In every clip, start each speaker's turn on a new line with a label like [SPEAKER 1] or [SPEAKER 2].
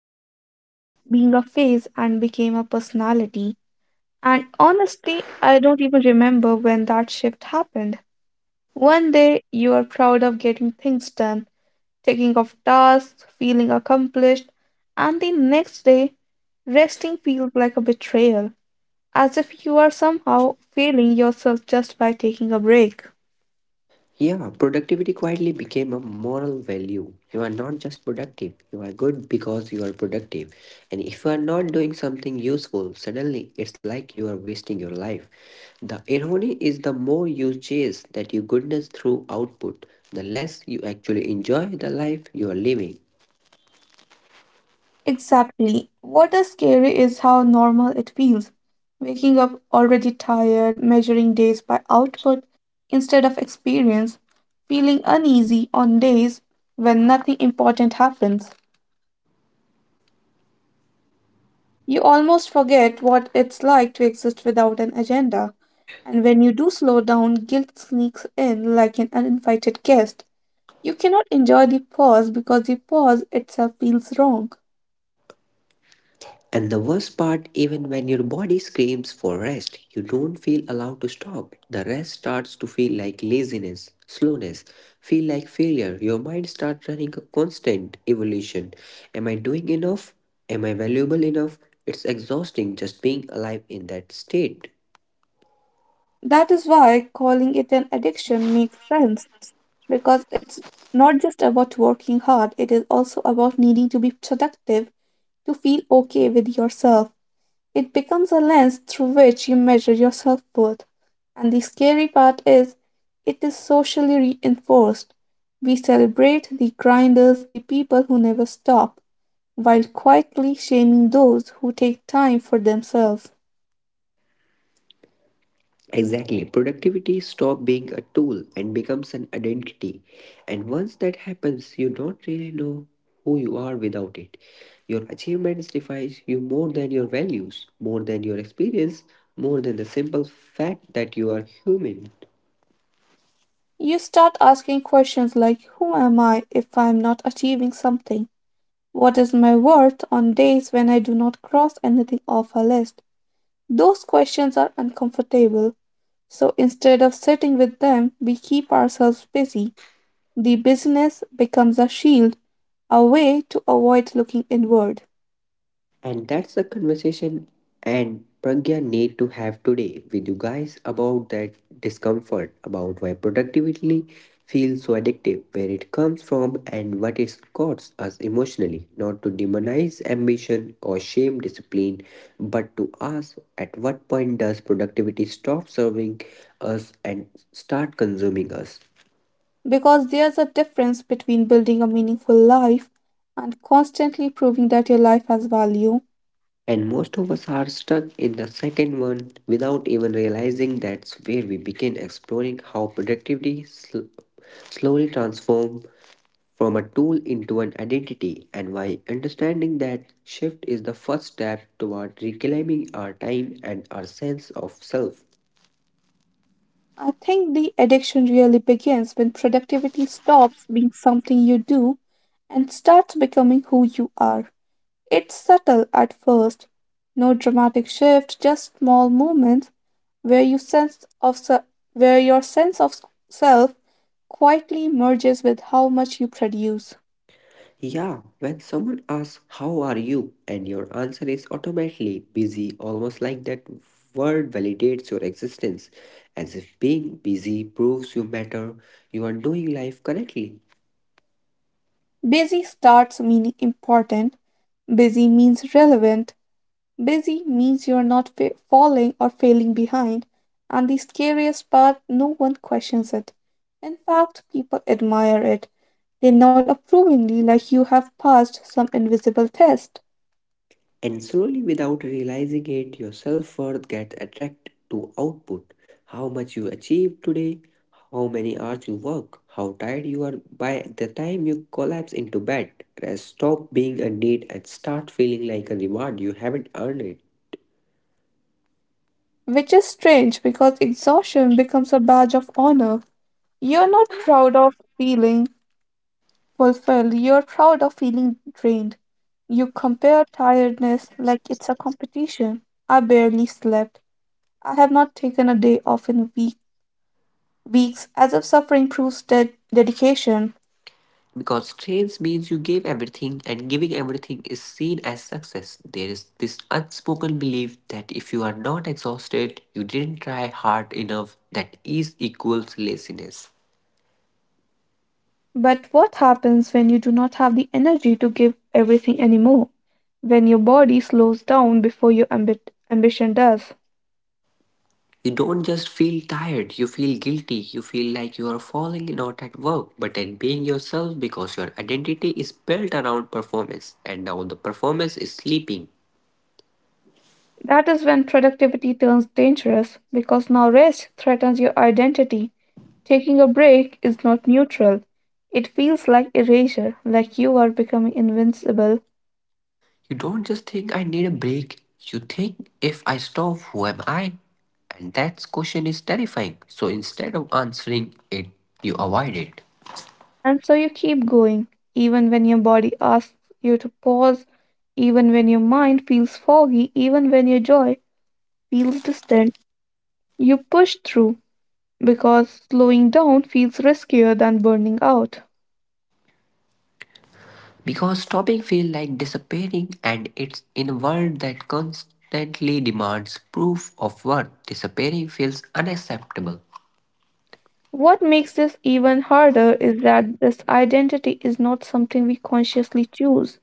[SPEAKER 1] busy stopped being a phase and became a personality. And honestly, I don't even remember when that shift happened. One day, you are proud of getting things done, taking off tasks, feeling accomplished, and the next day, resting feels like a betrayal, as if you are somehow failing yourself just by taking a break.
[SPEAKER 2] Yeah, productivity quietly became a moral value. You are not just productive, you are good because you are productive. And if you are not doing something useful, suddenly it's like you are wasting your life. The irony is the more you chase that you goodness through output, the less you actually enjoy the life you are living.
[SPEAKER 1] Exactly. What is scary is how normal it feels. Waking up already tired, measuring days by output instead of experience, feeling uneasy on days when nothing important happens. You almost forget what it's like to exist without an agenda. And when you do slow down, guilt sneaks in like an uninvited guest. You cannot enjoy the pause because the pause itself feels wrong.
[SPEAKER 2] And the worst part, even when your body screams for rest, you don't feel allowed to stop. The rest starts to feel like laziness, slowness, feel like failure. Your mind starts running a constant evolution. Am I doing enough? Am I valuable enough? It's exhausting just being alive in that state.
[SPEAKER 1] That is why calling it an addiction makes sense. Because it's not just about working hard, it is also about needing to be productive to feel okay with yourself. It becomes a lens through which you measure your self worth. And the scary part is, it is socially reinforced. We celebrate the grinders, the people who never stop, while quietly shaming those who take time for themselves.
[SPEAKER 2] Exactly. Productivity stop being a tool and becomes an identity. And once that happens, you don't really know who you are without it. Your achievements define you more than your values, more than your experience, more than the simple fact that you are human.
[SPEAKER 1] You start asking questions like, who am I if I'm not achieving something? What is my worth on days when I do not cross anything off a list? Those questions are uncomfortable, so instead of sitting with them, we keep ourselves busy. The busyness becomes a shield, a way to avoid looking inward.
[SPEAKER 2] And that's the conversation and Pragya need to have today with you guys about that discomfort, about why productivity feels so addictive, where it comes from, and what it costs us emotionally. Not to demonize ambition or shame discipline, but to ask at what point does productivity stop serving us and start consuming us?
[SPEAKER 1] Because there's a difference between building a meaningful life and constantly proving that your life has value.
[SPEAKER 2] And most of us are stuck in the second one without even realizing that's where we begin exploring how productivity slowly transforms from a tool into an identity and why understanding that shift is the first step toward reclaiming our time and our sense of self.
[SPEAKER 1] I think the addiction really begins when productivity stops being something you do and starts becoming who you are. It's subtle at first, no dramatic shift, just small moments where you sense of se- where your sense of self quietly merges with how much you produce.
[SPEAKER 2] Yeah, when someone asks, how are you? And your answer is automatically busy, almost like that word validates your existence, as if being busy proves you matter, you are doing life correctly.
[SPEAKER 1] Busy starts meaning important. Busy means relevant. Busy means you're not falling or failing behind. And the scariest part, no one questions it. In fact, people admire it. They nod approvingly like you have passed some invisible test.
[SPEAKER 2] And slowly, without realizing it, your self worth gets attracted to output, how much you achieve today, how many hours you work, how tired you are by the time you collapse into bed. Rest stop being a need and start feeling like a reward you haven't earned it.
[SPEAKER 1] Which is strange because exhaustion becomes a badge of honor. You're not proud of feeling fulfilled, you're proud of feeling drained. You compare tiredness like it's a competition. I barely slept. I have not taken a day off in weeks, as if suffering proves dedication.
[SPEAKER 2] Because strength means you gave everything, and giving everything is seen as success. There is this unspoken belief that if you are not exhausted, you didn't try hard enough, that ease equals laziness.
[SPEAKER 1] But what happens when you do not have the energy to give everything anymore? When your body slows down before your ambition does?
[SPEAKER 2] You don't just feel tired, you feel guilty, you feel like you are falling not at work, but at being yourself because your identity is built around performance, and now the performance is sleeping.
[SPEAKER 1] That is when productivity turns dangerous because now rest threatens your identity. Taking a break is not neutral. It feels like erasure, like you are becoming invincible.
[SPEAKER 2] You don't just think I need a break. You think if I stop, who am I? And that question is terrifying. So instead of answering it, you avoid it.
[SPEAKER 1] And so you keep going, even when your body asks you to pause, even when your mind feels foggy, even when your joy feels distant. You push through because slowing down feels riskier than burning out.
[SPEAKER 2] Because stopping feels like disappearing, and it's in a world that constantly demands proof of worth, disappearing feels unacceptable.
[SPEAKER 1] What makes this even harder is that this identity is not something we consciously choose.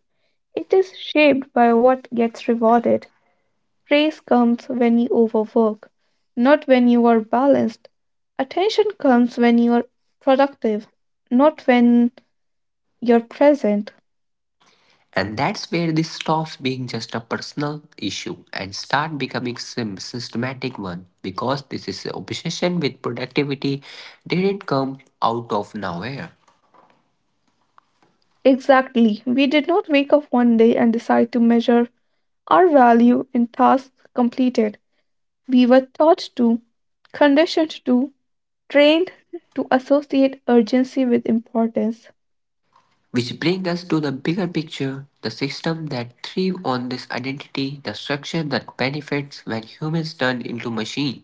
[SPEAKER 1] It is shaped by what gets rewarded. Praise comes when you overwork, not when you are balanced. Attention comes when you are productive, not when you're present.
[SPEAKER 2] And that's where this stops being just a personal issue and start becoming systematic one, because this is obsession with productivity didn't come out of nowhere.
[SPEAKER 1] Exactly. We did not wake up one day and decide to measure our value in tasks completed. We were taught to, conditioned to, trained to associate urgency with importance.
[SPEAKER 2] Which brings us to the bigger picture, the system that thrive on this identity, the structure that benefits when humans turn into machine.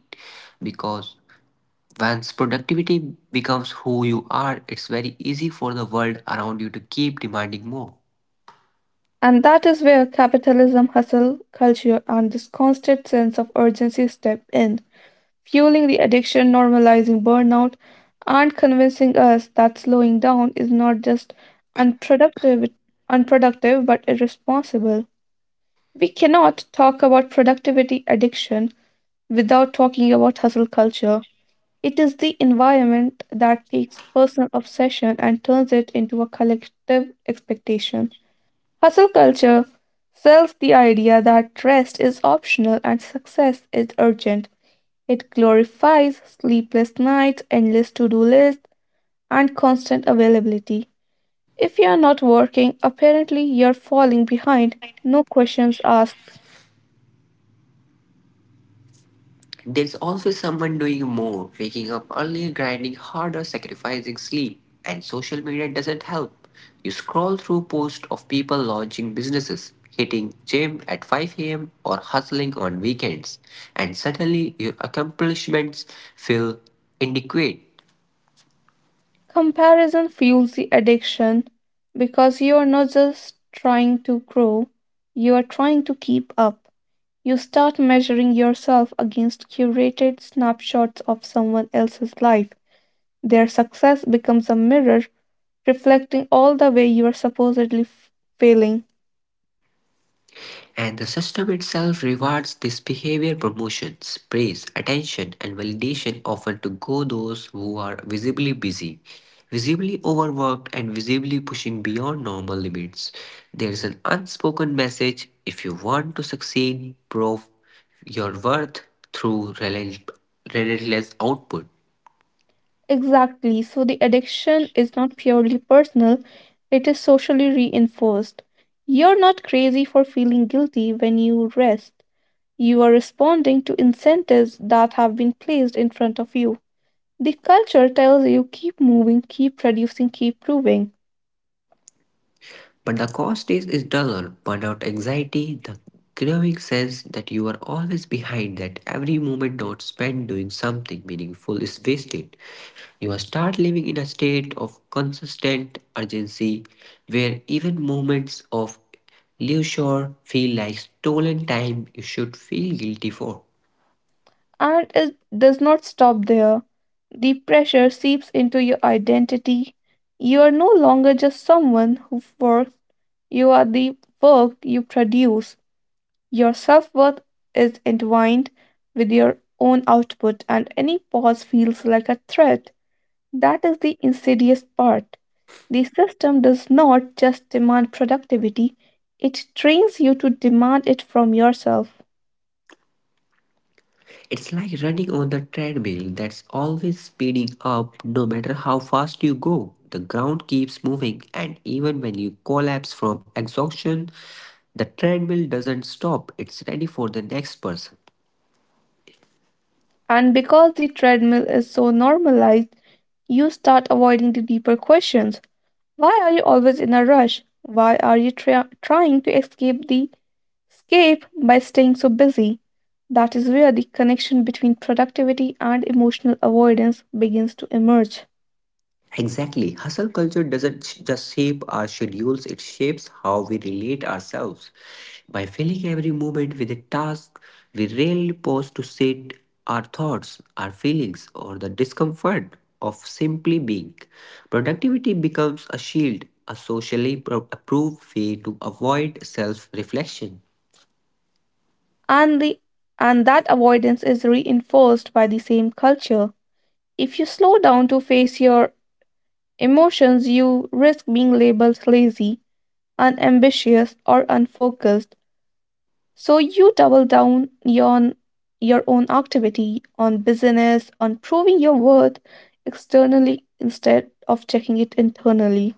[SPEAKER 2] Because once productivity becomes who you are, it's very easy for the world around you to keep demanding more.
[SPEAKER 1] And that is where capitalism, hustle culture, and this constant sense of urgency step in, fueling the addiction, normalizing burnout, and convincing us that slowing down is not just unproductive, unproductive but irresponsible. We cannot talk about productivity addiction without talking about hustle culture. It is the environment that takes personal obsession and turns it into a collective expectation. Hustle culture sells the idea that rest is optional and success is urgent. It glorifies sleepless nights, endless to do lists, and constant availability. If you are not working, apparently you're falling behind. No questions asked.
[SPEAKER 2] There's always someone doing more, waking up early, grinding harder, sacrificing sleep, and social media doesn't help. You scroll through posts of people launching businesses, hitting gym at 5 a.m. or hustling on weekends, and suddenly your accomplishments feel inadequate.
[SPEAKER 1] Comparison fuels the addiction because you are not just trying to grow, you are trying to keep up. You start measuring yourself against curated snapshots of someone else's life. Their success becomes a mirror reflecting all the way you are supposedly failing.
[SPEAKER 2] And the system itself rewards this behavior, promotions, praise, attention, and validation offered to go those who are visibly busy, visibly overworked, and visibly pushing beyond normal limits. There is an unspoken message, if you want to succeed, prove your worth through relentless output.
[SPEAKER 1] Exactly. So the addiction is not purely personal, it is socially reinforced. You're not crazy for feeling guilty when you rest. You are responding to incentives that have been placed in front of you. The culture tells you keep moving, keep producing, keep proving,
[SPEAKER 2] But the cost is dollar, burnout, anxiety, the growing sense that you are always behind, that every moment not spent doing something meaningful is wasted. You will start living in a state of consistent urgency where even moments of leisure feel like stolen time you should feel guilty for.
[SPEAKER 1] and it does not stop there. The pressure seeps into your identity. You are no longer just someone who works, you are the work you produce. Your self worth is entwined with your own output, and any pause feels like a threat. That is the insidious part. The system does not just demand productivity, it trains you to demand it from yourself.
[SPEAKER 2] It's like running on the treadmill that's always speeding up no matter how fast you go. The ground keeps moving, and even when you collapse from exhaustion, the treadmill doesn't stop. It's ready for the next person.
[SPEAKER 1] And because the treadmill is so normalized, you start avoiding the deeper questions. Why are you always in a rush? Why are you trying to escape the escape by staying so busy? That is where the connection between productivity and emotional avoidance begins to emerge.
[SPEAKER 2] Exactly. Hustle culture doesn't just shape our schedules, it shapes how we relate ourselves. By filling every moment with a task, we rarely pause to sit our thoughts, our feelings, or the discomfort of simply being. Productivity becomes a shield, a socially approved way to avoid self reflection.
[SPEAKER 1] and the and that avoidance is reinforced by the same culture. If you slow down to face your emotions, you risk being labeled lazy, unambitious, or unfocused, so you double down on your own activity, on business, on proving your worth externally instead of checking it internally.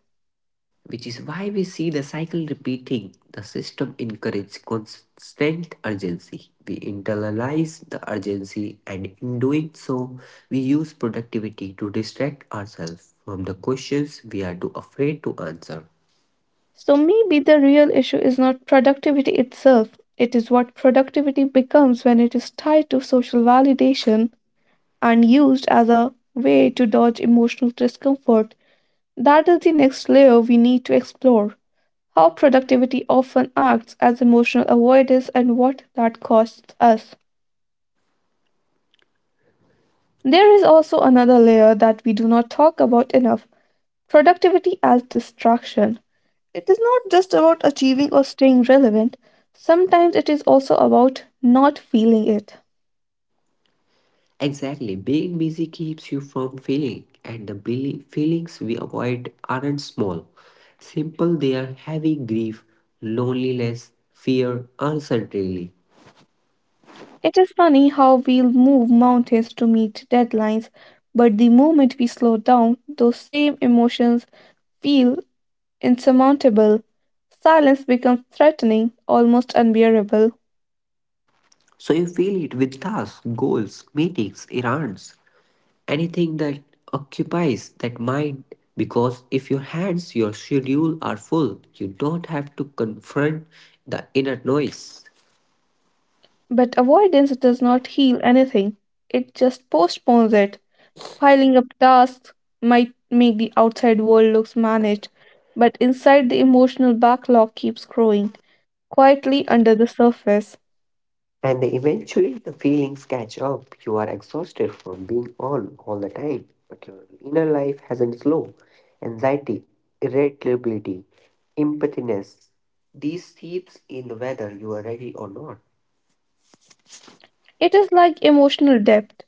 [SPEAKER 2] Which is why we see the cycle repeating. The system encourages constant urgency. We internalize the urgency, and in doing so, we use productivity to distract ourselves from the questions we are too afraid to answer.
[SPEAKER 1] So maybe the real issue is not productivity itself, it is what productivity becomes when it is tied to social validation and used as a way to dodge emotional discomfort. That is the next layer we need to explore, how productivity often acts as emotional avoidance and what that costs us. There is also another layer that we do not talk about enough, productivity as distraction. It is not just about achieving or staying relevant, sometimes it is also about not feeling it.
[SPEAKER 2] Exactly, being busy keeps you from feeling, and the feelings we avoid aren't small. Simple, they are heavy grief, loneliness, fear, uncertainty.
[SPEAKER 1] It is funny how we'll move mountains to meet deadlines, but the moment we slow down, those same emotions feel insurmountable. Silence becomes threatening, almost unbearable.
[SPEAKER 2] So you fill it with tasks, goals, meetings, errands, anything that occupies that mind. Because if your hands, your schedule are full, you don't have to confront the inner noise.
[SPEAKER 1] But avoidance does not heal anything, it just postpones it. Piling up tasks might make the outside world looks managed, but inside the emotional backlog keeps growing, quietly under the surface.
[SPEAKER 2] And eventually the feelings catch up. You are exhausted from being on all the time, but your inner life hasn't slow. Anxiety, irritability, empathiness. These seeps in whether you are ready or not.
[SPEAKER 1] It is like emotional depth.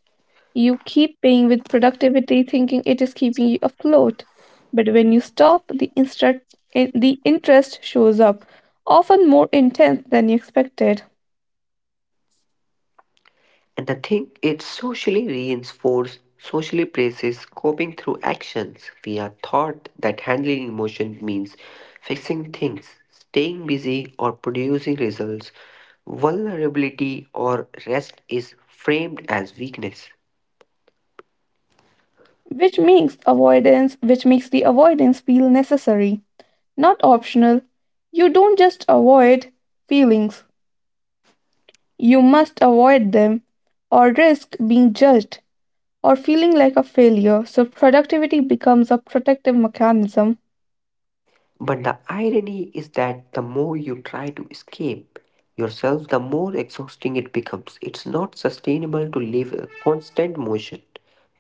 [SPEAKER 1] You keep paying with productivity, thinking it is keeping you afloat. But when you stop, the interest shows up, often more intense than you expected,
[SPEAKER 2] And the thing it socially reinforces, socially praises coping through actions. We are taught that handling emotion means fixing things, staying busy, or producing results. Vulnerability or rest is framed as weakness.
[SPEAKER 1] which makes the avoidance feel necessary, not optional. You don't just avoid feelings; you must avoid them, or risk being judged or feeling like a failure. So productivity becomes a protective mechanism.
[SPEAKER 2] But the irony is that the more you try to escape yourself, the more exhausting it becomes. It's not sustainable to live in constant motion.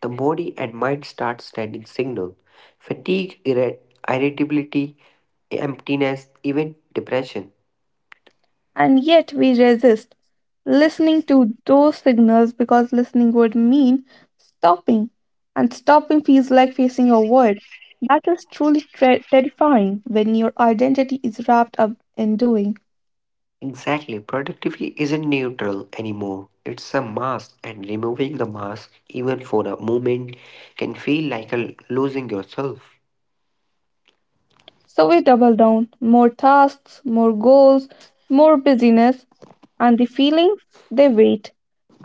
[SPEAKER 2] The body and mind start sending signals. Fatigue, irritability, emptiness, even depression.
[SPEAKER 1] And yet we resist listening to those signals because listening would mean stopping. And stopping feels like facing a word. That is truly terrifying when your identity is wrapped up in doing.
[SPEAKER 2] Exactly, productivity isn't neutral anymore. It's a mask, and removing the mask, even for a moment, can feel like a losing yourself.
[SPEAKER 1] So we double down, more tasks, more goals, more busyness, and the feelings, they wait.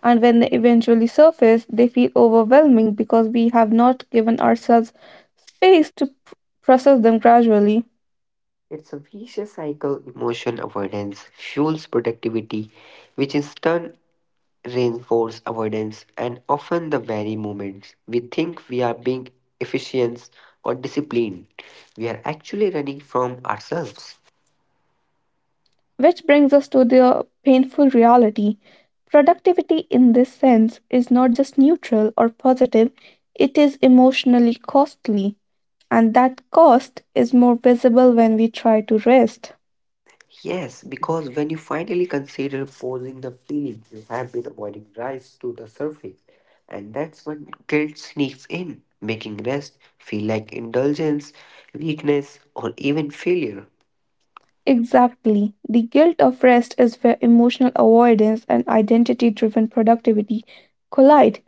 [SPEAKER 1] And when they eventually surface, they feel overwhelming because we have not given ourselves space to process them gradually.
[SPEAKER 2] It's a vicious cycle. Emotion avoidance fuels productivity, which in turn reinforces avoidance, and often the very moments we think we are being efficient or disciplined, we are actually running from ourselves.
[SPEAKER 1] Which brings us to the painful reality. Productivity, in this sense, is not just neutral or positive, it is emotionally costly. And that cost is more visible when we try to rest.
[SPEAKER 2] Yes, because when you finally consider pausing, the feeling you have been avoiding rise to the surface, and that's when guilt sneaks in, making rest feel like indulgence, weakness, or even failure.
[SPEAKER 1] Exactly. The guilt of rest is where emotional avoidance and identity driven productivity collide.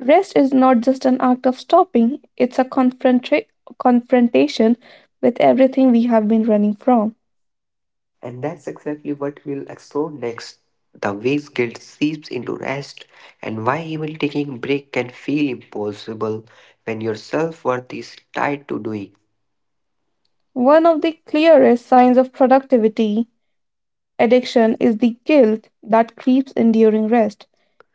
[SPEAKER 1] Rest is not just an act of stopping, it's a confrontation with everything we have been running from.
[SPEAKER 2] And that's exactly what we'll explore next, the ways guilt seeps into rest, and why even taking a break can feel impossible when your self worth is tied to doing.
[SPEAKER 1] One of the clearest signs of productivity addiction is the guilt that creeps in during rest.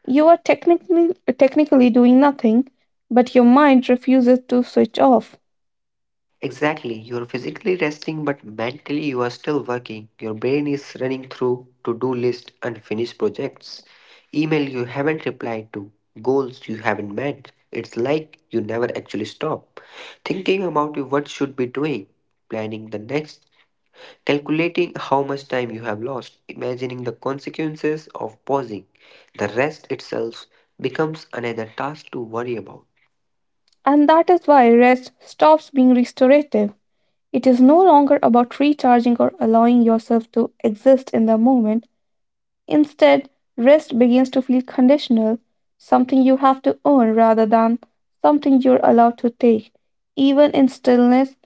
[SPEAKER 1] You are technically doing nothing, but your mind refuses to switch off.
[SPEAKER 2] Exactly, you're physically resting, but mentally you are still working. Your brain is running through to do list, unfinished projects, email you haven't replied to, goals you haven't met. It's like you never actually stop thinking about what should be doing, planning the next, calculating how much time you have lost, imagining the consequences of pausing. The rest itself becomes another task to worry about.
[SPEAKER 1] And that is why rest stops being restorative. It is no longer about recharging or allowing yourself to exist in the moment. Instead, rest begins to feel conditional, something you have to earn rather than something you're allowed to take. Even in stillness,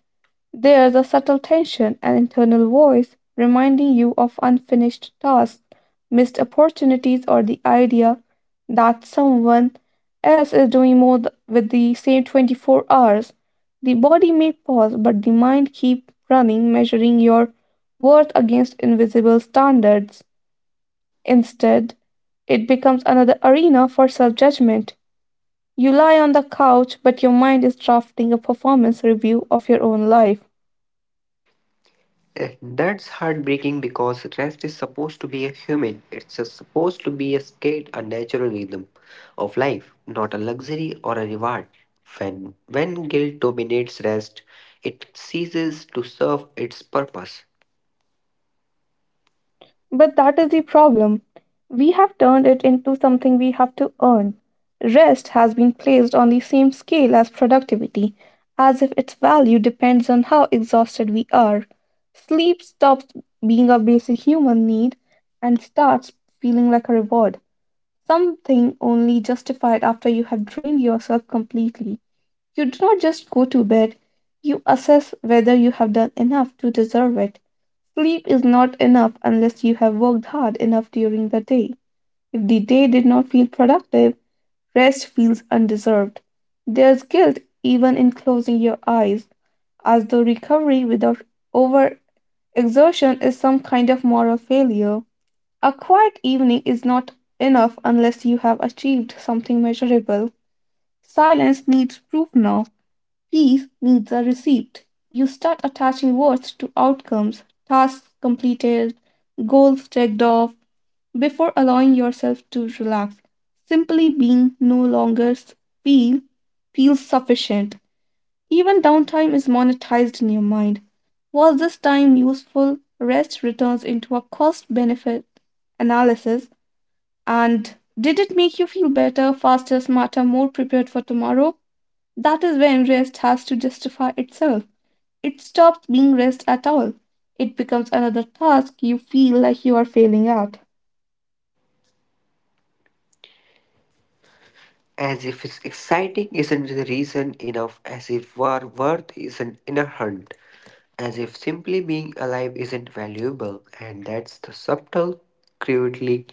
[SPEAKER 1] there's a subtle tension, an internal voice reminding you of unfinished tasks, missed opportunities, or the idea that someone else is doing more with the same 24 hours. The body may pause, but the mind keeps running, measuring your worth against invisible standards. Instead, it becomes another arena for self judgment. You lie on the couch, but your mind is drafting a performance review of your own life.
[SPEAKER 2] And that's heartbreaking because rest is supposed to be a human, it's supposed to be a state, a natural rhythm of life, not a luxury or a reward. When guilt dominates rest, it ceases to serve its purpose.
[SPEAKER 1] But that is the problem. We have turned it into something we have to earn. Rest has been placed on the same scale as productivity, as if its value depends on how exhausted we are. Sleep stops being a basic human need and starts feeling like a reward, something only justified after you have drained yourself completely. You do not just go to bed, you assess whether you have done enough to deserve it. Sleep is not enough unless you have worked hard enough during the day. If the day did not feel productive, rest feels undeserved. There's guilt even in closing your eyes, as though recovery without overexertion is some kind of moral failure. A quiet evening is not enough unless you have achieved something measurable. Silence needs proof now. Peace needs a receipt. You start attaching words to outcomes, tasks completed, goals checked off, before allowing yourself to relax. Simply being no longer feel feels sufficient. Even downtime is monetized in your mind. Was this time useful? Rest returns into a cost benefit analysis. And did it make you feel better, faster, smarter, more prepared for tomorrow? That is when rest has to justify itself. It stops being rest at all. It becomes another task you feel like you are failing at.
[SPEAKER 2] As if it's exciting isn't the reason enough, as if our worth isn't inherent? As if simply being alive isn't valuable, and that's the subtle cruelty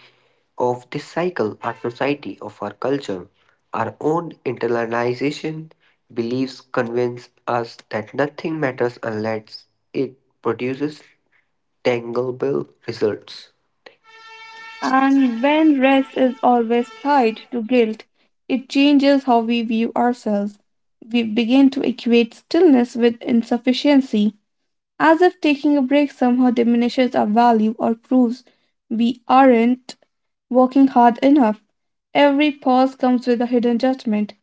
[SPEAKER 2] of this cycle, our society, of our culture. Our own internalization beliefs convince us that nothing matters unless it produces tangible results.
[SPEAKER 1] And when rest is always tied to guilt, it changes how we view ourselves. We begin to equate stillness with insufficiency, as if taking a break somehow diminishes our value or proves we aren't working hard enough. Every pause comes with a hidden judgment,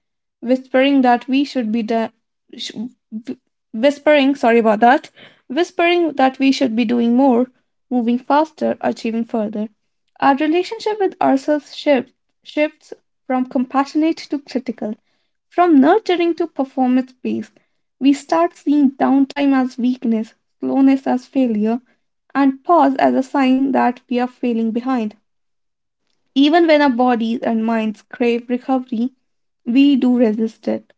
[SPEAKER 1] whispering that we should be done. Sh- wh- Whispering, sorry about that. Whispering that we should be doing more, moving faster, achieving further. Our relationship with ourselves shifts from compassionate to critical, from nurturing to performance based. We start seeing downtime as weakness, slowness as failure, and pause as a sign that we are failing behind. Even when our bodies and minds crave recovery, we do resist it,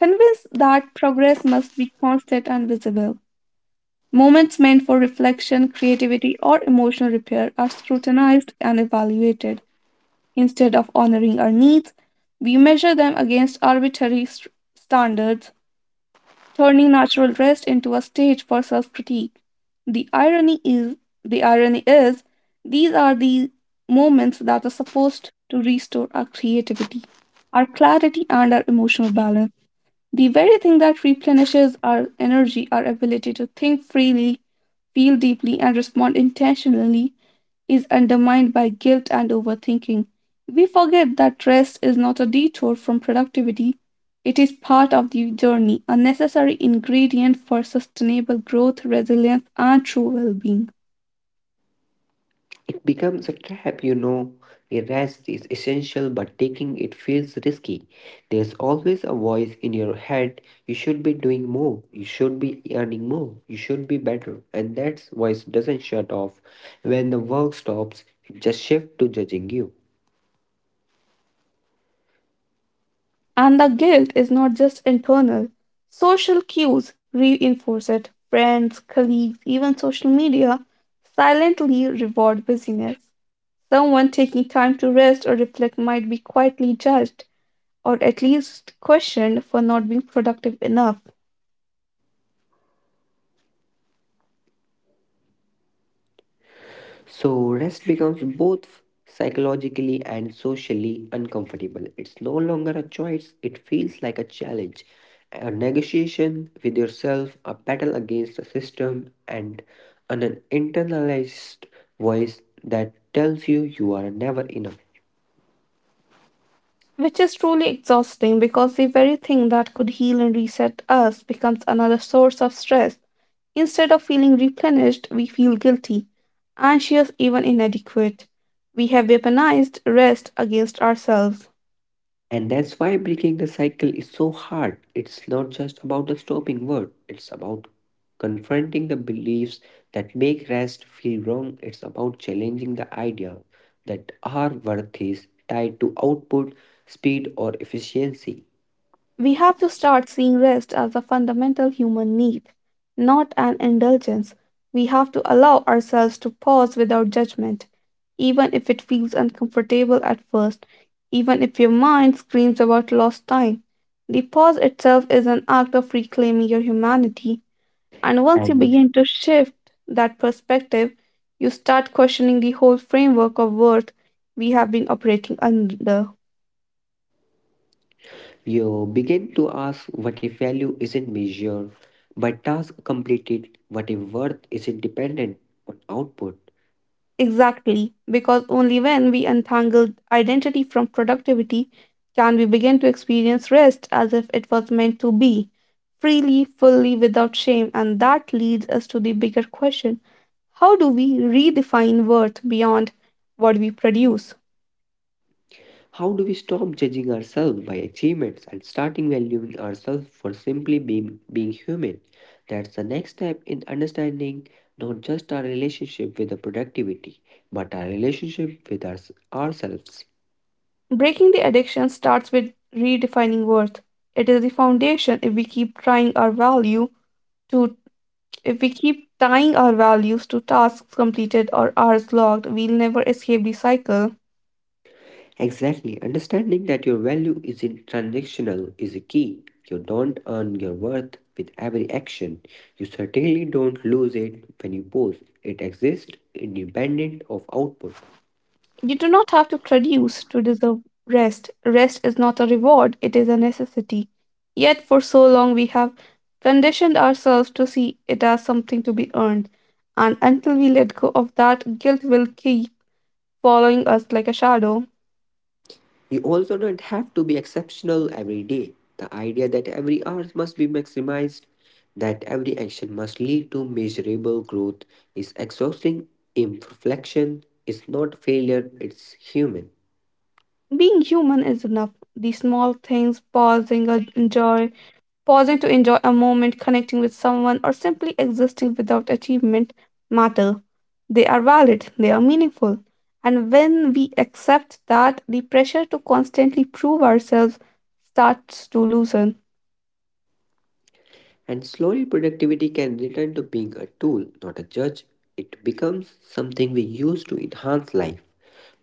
[SPEAKER 1] convinced that progress must be constant and visible. Moments meant for reflection, creativity, or emotional repair are scrutinized and evaluated. Instead of honoring our needs, we measure them against arbitrary standards, turning natural rest into a stage for self-critique. The irony is the irony is these are the moments that are supposed to restore our creativity, our clarity and our emotional balance. The very thing that replenishes our energy, our ability to think freely, feel deeply, and respond intentionally, is undermined by guilt and overthinking. We forget that rest is not a detour from productivity, it is part of the journey, a necessary ingredient for sustainable growth, resilience, and true well being.
[SPEAKER 2] It becomes a trap, you know. A rest is essential, but taking it feels risky. There's always a voice in your head, you should be doing more, you should be earning more, you should be better. And that voice doesn't shut off. When the work stops, it just shifts to judging you.
[SPEAKER 1] And the guilt is not just internal. Social cues reinforce it. Friends, colleagues, even social media silently reward busyness. Someone taking time to rest or reflect might be quietly judged or at least questioned for not being productive enough,
[SPEAKER 2] So, rest becomes both psychologically and socially uncomfortable. It's no longer a choice, it feels like a challenge, a negotiation with yourself, a battle against the system, and an internalized voice that tells you you are never enough.
[SPEAKER 1] which is truly exhausting, because the very thing that could heal and reset us becomes another source of stress. Instead of feeling replenished, we feel guilty, anxious, even inadequate. We have weaponized rest against ourselves.
[SPEAKER 2] And that's why breaking the cycle is so hard. It's not just about the stopping word, it's about confronting the beliefs that make rest feel wrong. It's about challenging the idea that our worth is tied to output, speed, or efficiency.
[SPEAKER 1] We have to start seeing rest as a fundamental human need, not an indulgence. We have to allow ourselves to pause without judgment, even if it feels uncomfortable at first, even if your mind screams about lost time. The pause itself is an act of reclaiming your humanity, and once you
[SPEAKER 2] And
[SPEAKER 1] begin to shift that perspective, you start questioning the whole framework of worth we have been operating under.
[SPEAKER 2] you begin to ask, what if value isn't measured by task completed, what if worth isn't dependent on output.
[SPEAKER 1] Exactly, because only when we untangle identity from productivity can we begin to experience rest as if it was meant to be, freely, fully, without shame. And that leads us to the bigger question: how do we redefine worth beyond what we produce?
[SPEAKER 2] How do we stop judging ourselves by achievements and starting valuing ourselves for simply being, being human? That's the next step in understanding not just our relationship with the productivity, but our relationship with ourselves.
[SPEAKER 1] Breaking the addiction starts with redefining worth. It is the foundation. If we keep trying our value to If we keep tying our values to tasks completed or hours logged, we'll never escape the cycle.
[SPEAKER 2] Exactly, understanding that your value isn't transactional is a key. You don't earn your worth with every action. You certainly don't lose it when you pose. It exists independent of output.
[SPEAKER 1] You do not have to produce to deserve rest. Rest is not a reward, it is a necessity. Yet, for so long, we have conditioned ourselves to see it as something to be earned. And until we let go of that, guilt will keep following us like a shadow.
[SPEAKER 2] You also don't have to be exceptional every day. The idea that every hour must be maximized, that every action must lead to measurable growth, is exhausting. Imperfection is not failure, it's human.
[SPEAKER 1] Being human is enough. The small things, pausing, enjoying pausing to enjoy a moment, connecting with someone, or simply existing without achievement, matter. They are valid, they are meaningful. And when we accept that, the pressure to constantly prove ourselves starts to loosen.
[SPEAKER 2] And slowly, productivity can return to being a tool, not a judge. It becomes something we use to enhance life,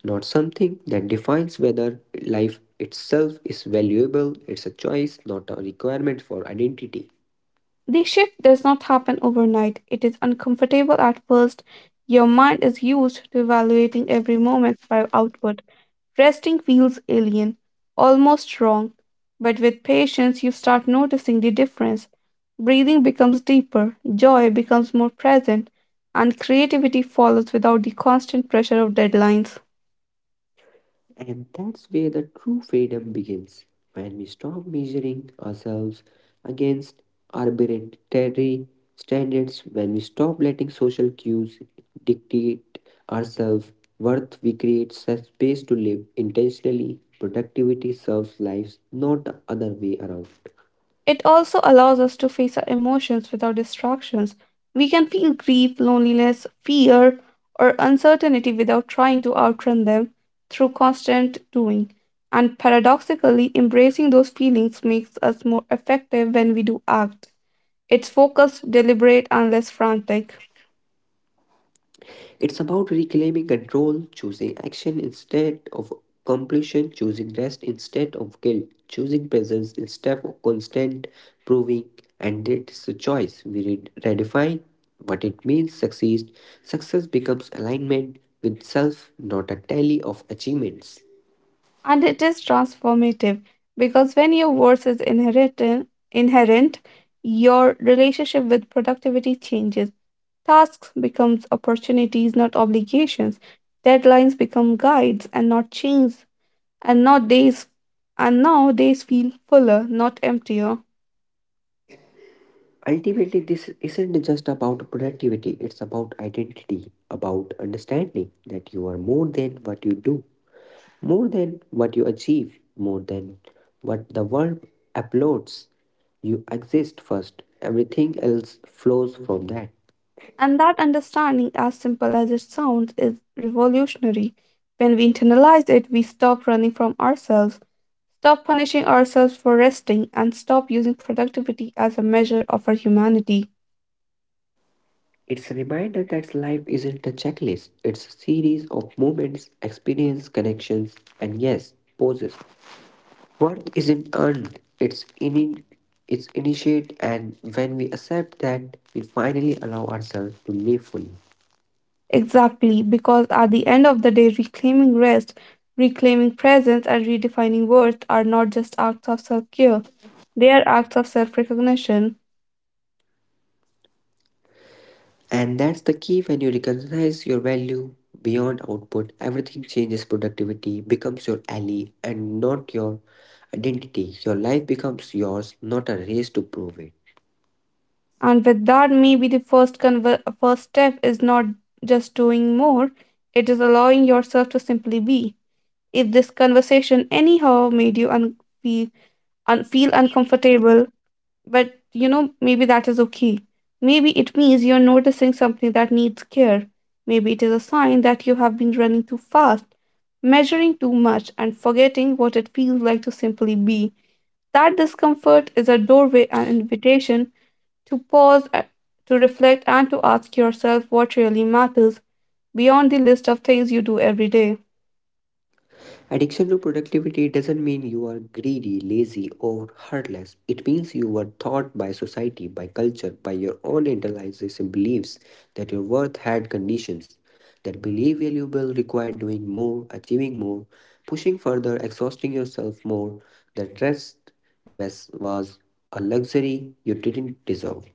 [SPEAKER 2] not something that defines whether life itself is valuable. It's a choice, not a requirement for identity.
[SPEAKER 1] The shift does not happen overnight. It is uncomfortable at first. Your mind is used to evaluating every moment by output. Resting feels alien, almost wrong, but with patience you start noticing the difference. Breathing becomes deeper, joy becomes more present, and creativity follows without the constant pressure of deadlines.
[SPEAKER 2] And that's where the true freedom begins, when we stop measuring ourselves against arbitrary standards, when we stop letting social cues dictate our self worth, we create such space to live intentionally. Productivity serves lives, not the other way around.
[SPEAKER 1] It also allows us to face our emotions without distractions. We can feel grief, loneliness, fear, or uncertainty without trying to outrun them through constant doing. And paradoxically, embracing those feelings makes us more effective when we do act. It's focused, deliberate, and less frantic.
[SPEAKER 2] It's about reclaiming control, choosing action instead of completion, choosing rest instead of guilt, choosing presence instead of constant proving, and it's a choice. We redefine what it means succeed. Success becomes alignment with self, not a tally of achievements.
[SPEAKER 1] And it is transformative, because when your worth is inherent, your relationship with productivity changes. Tasks becomes opportunities, not obligations. Deadlines become guides and not chains, and not days. And now days feel fuller, not emptier.
[SPEAKER 2] Ultimately, this isn't just about productivity, it's about identity, about understanding that you are more than what you do. More than what you achieve, more than what the world applauds, you exist first. Everything else flows from that.
[SPEAKER 1] And that understanding, as simple as it sounds, is revolutionary. When we internalize it, we stop running from ourselves, stop punishing ourselves for resting, and stop using productivity as a measure of our humanity.
[SPEAKER 2] It's a reminder that life isn't a checklist, it's a series of moments, experience, connections, and yes, pauses. Worth isn't earned, it's in it's initiate and when we accept that we finally allow ourselves to live fully.
[SPEAKER 1] Exactly, because at the end of the day, reclaiming rest, reclaiming presence, and redefining worth are not just acts of self care, they are acts of self recognition.
[SPEAKER 2] And that's the key, when you recognize your value beyond output, everything changes. Productivity becomes your ally and not your identity. Your life becomes yours, not a race to prove it.
[SPEAKER 1] And with that, maybe the first step is not just doing more, it is allowing yourself to simply be. If this conversation anyhow made you feel, feel uncomfortable, but maybe that is okay. Maybe it means you're noticing something that needs care. Maybe it is a sign that you have been running too fast, measuring too much, and forgetting what it feels like to simply be. That discomfort is a doorway, an invitation to pause, to reflect, and to ask yourself what really matters beyond the list of things you do every day.
[SPEAKER 2] Addiction to productivity doesn't mean you are greedy, lazy, or heartless. It means you were taught by society, by culture, by your own internalized beliefs that your worth had conditions, that belief valuable required doing more, achieving more, pushing further, exhausting yourself more. That rest was a luxury you didn't deserve.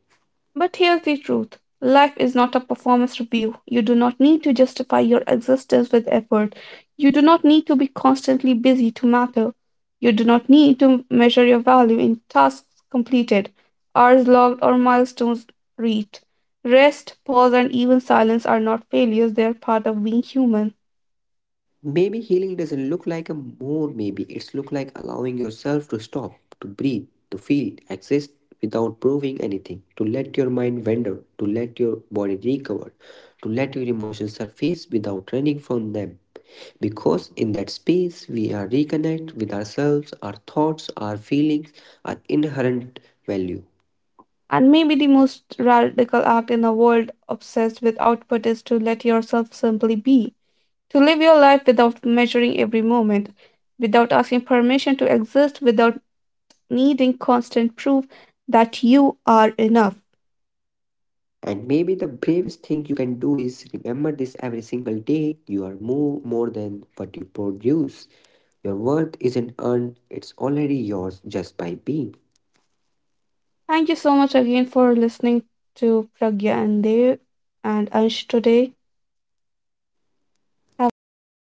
[SPEAKER 1] But here's the truth: life is not a performance review. You do not need to justify your existence with effort. You do not need to be constantly busy to matter. You do not need to measure your value in tasks completed, hours logged, or milestones reached. Rest, pause, and even silence are not failures, they are part of being human.
[SPEAKER 2] Maybe healing doesn't look like a more maybe. It's look like allowing yourself to stop, to breathe, to feel, exist without proving anything, to let your mind wander, to let your body recover, to let your emotions surface without running from them. Because in that space we are reconnect with ourselves, our thoughts, our feelings, our inherent value.
[SPEAKER 1] And maybe the most radical act in a world obsessed with output is to let yourself simply be. To live your life without measuring every moment, without asking permission to exist, without needing constant proof that you are enough.
[SPEAKER 2] And maybe the bravest thing you can do is remember this every single day. You are more than what you produce. Your worth isn't earned, it's already yours just by being.
[SPEAKER 1] Thank you so much again for listening to Pragya and Dev and Ansh today. Have a great day ahead.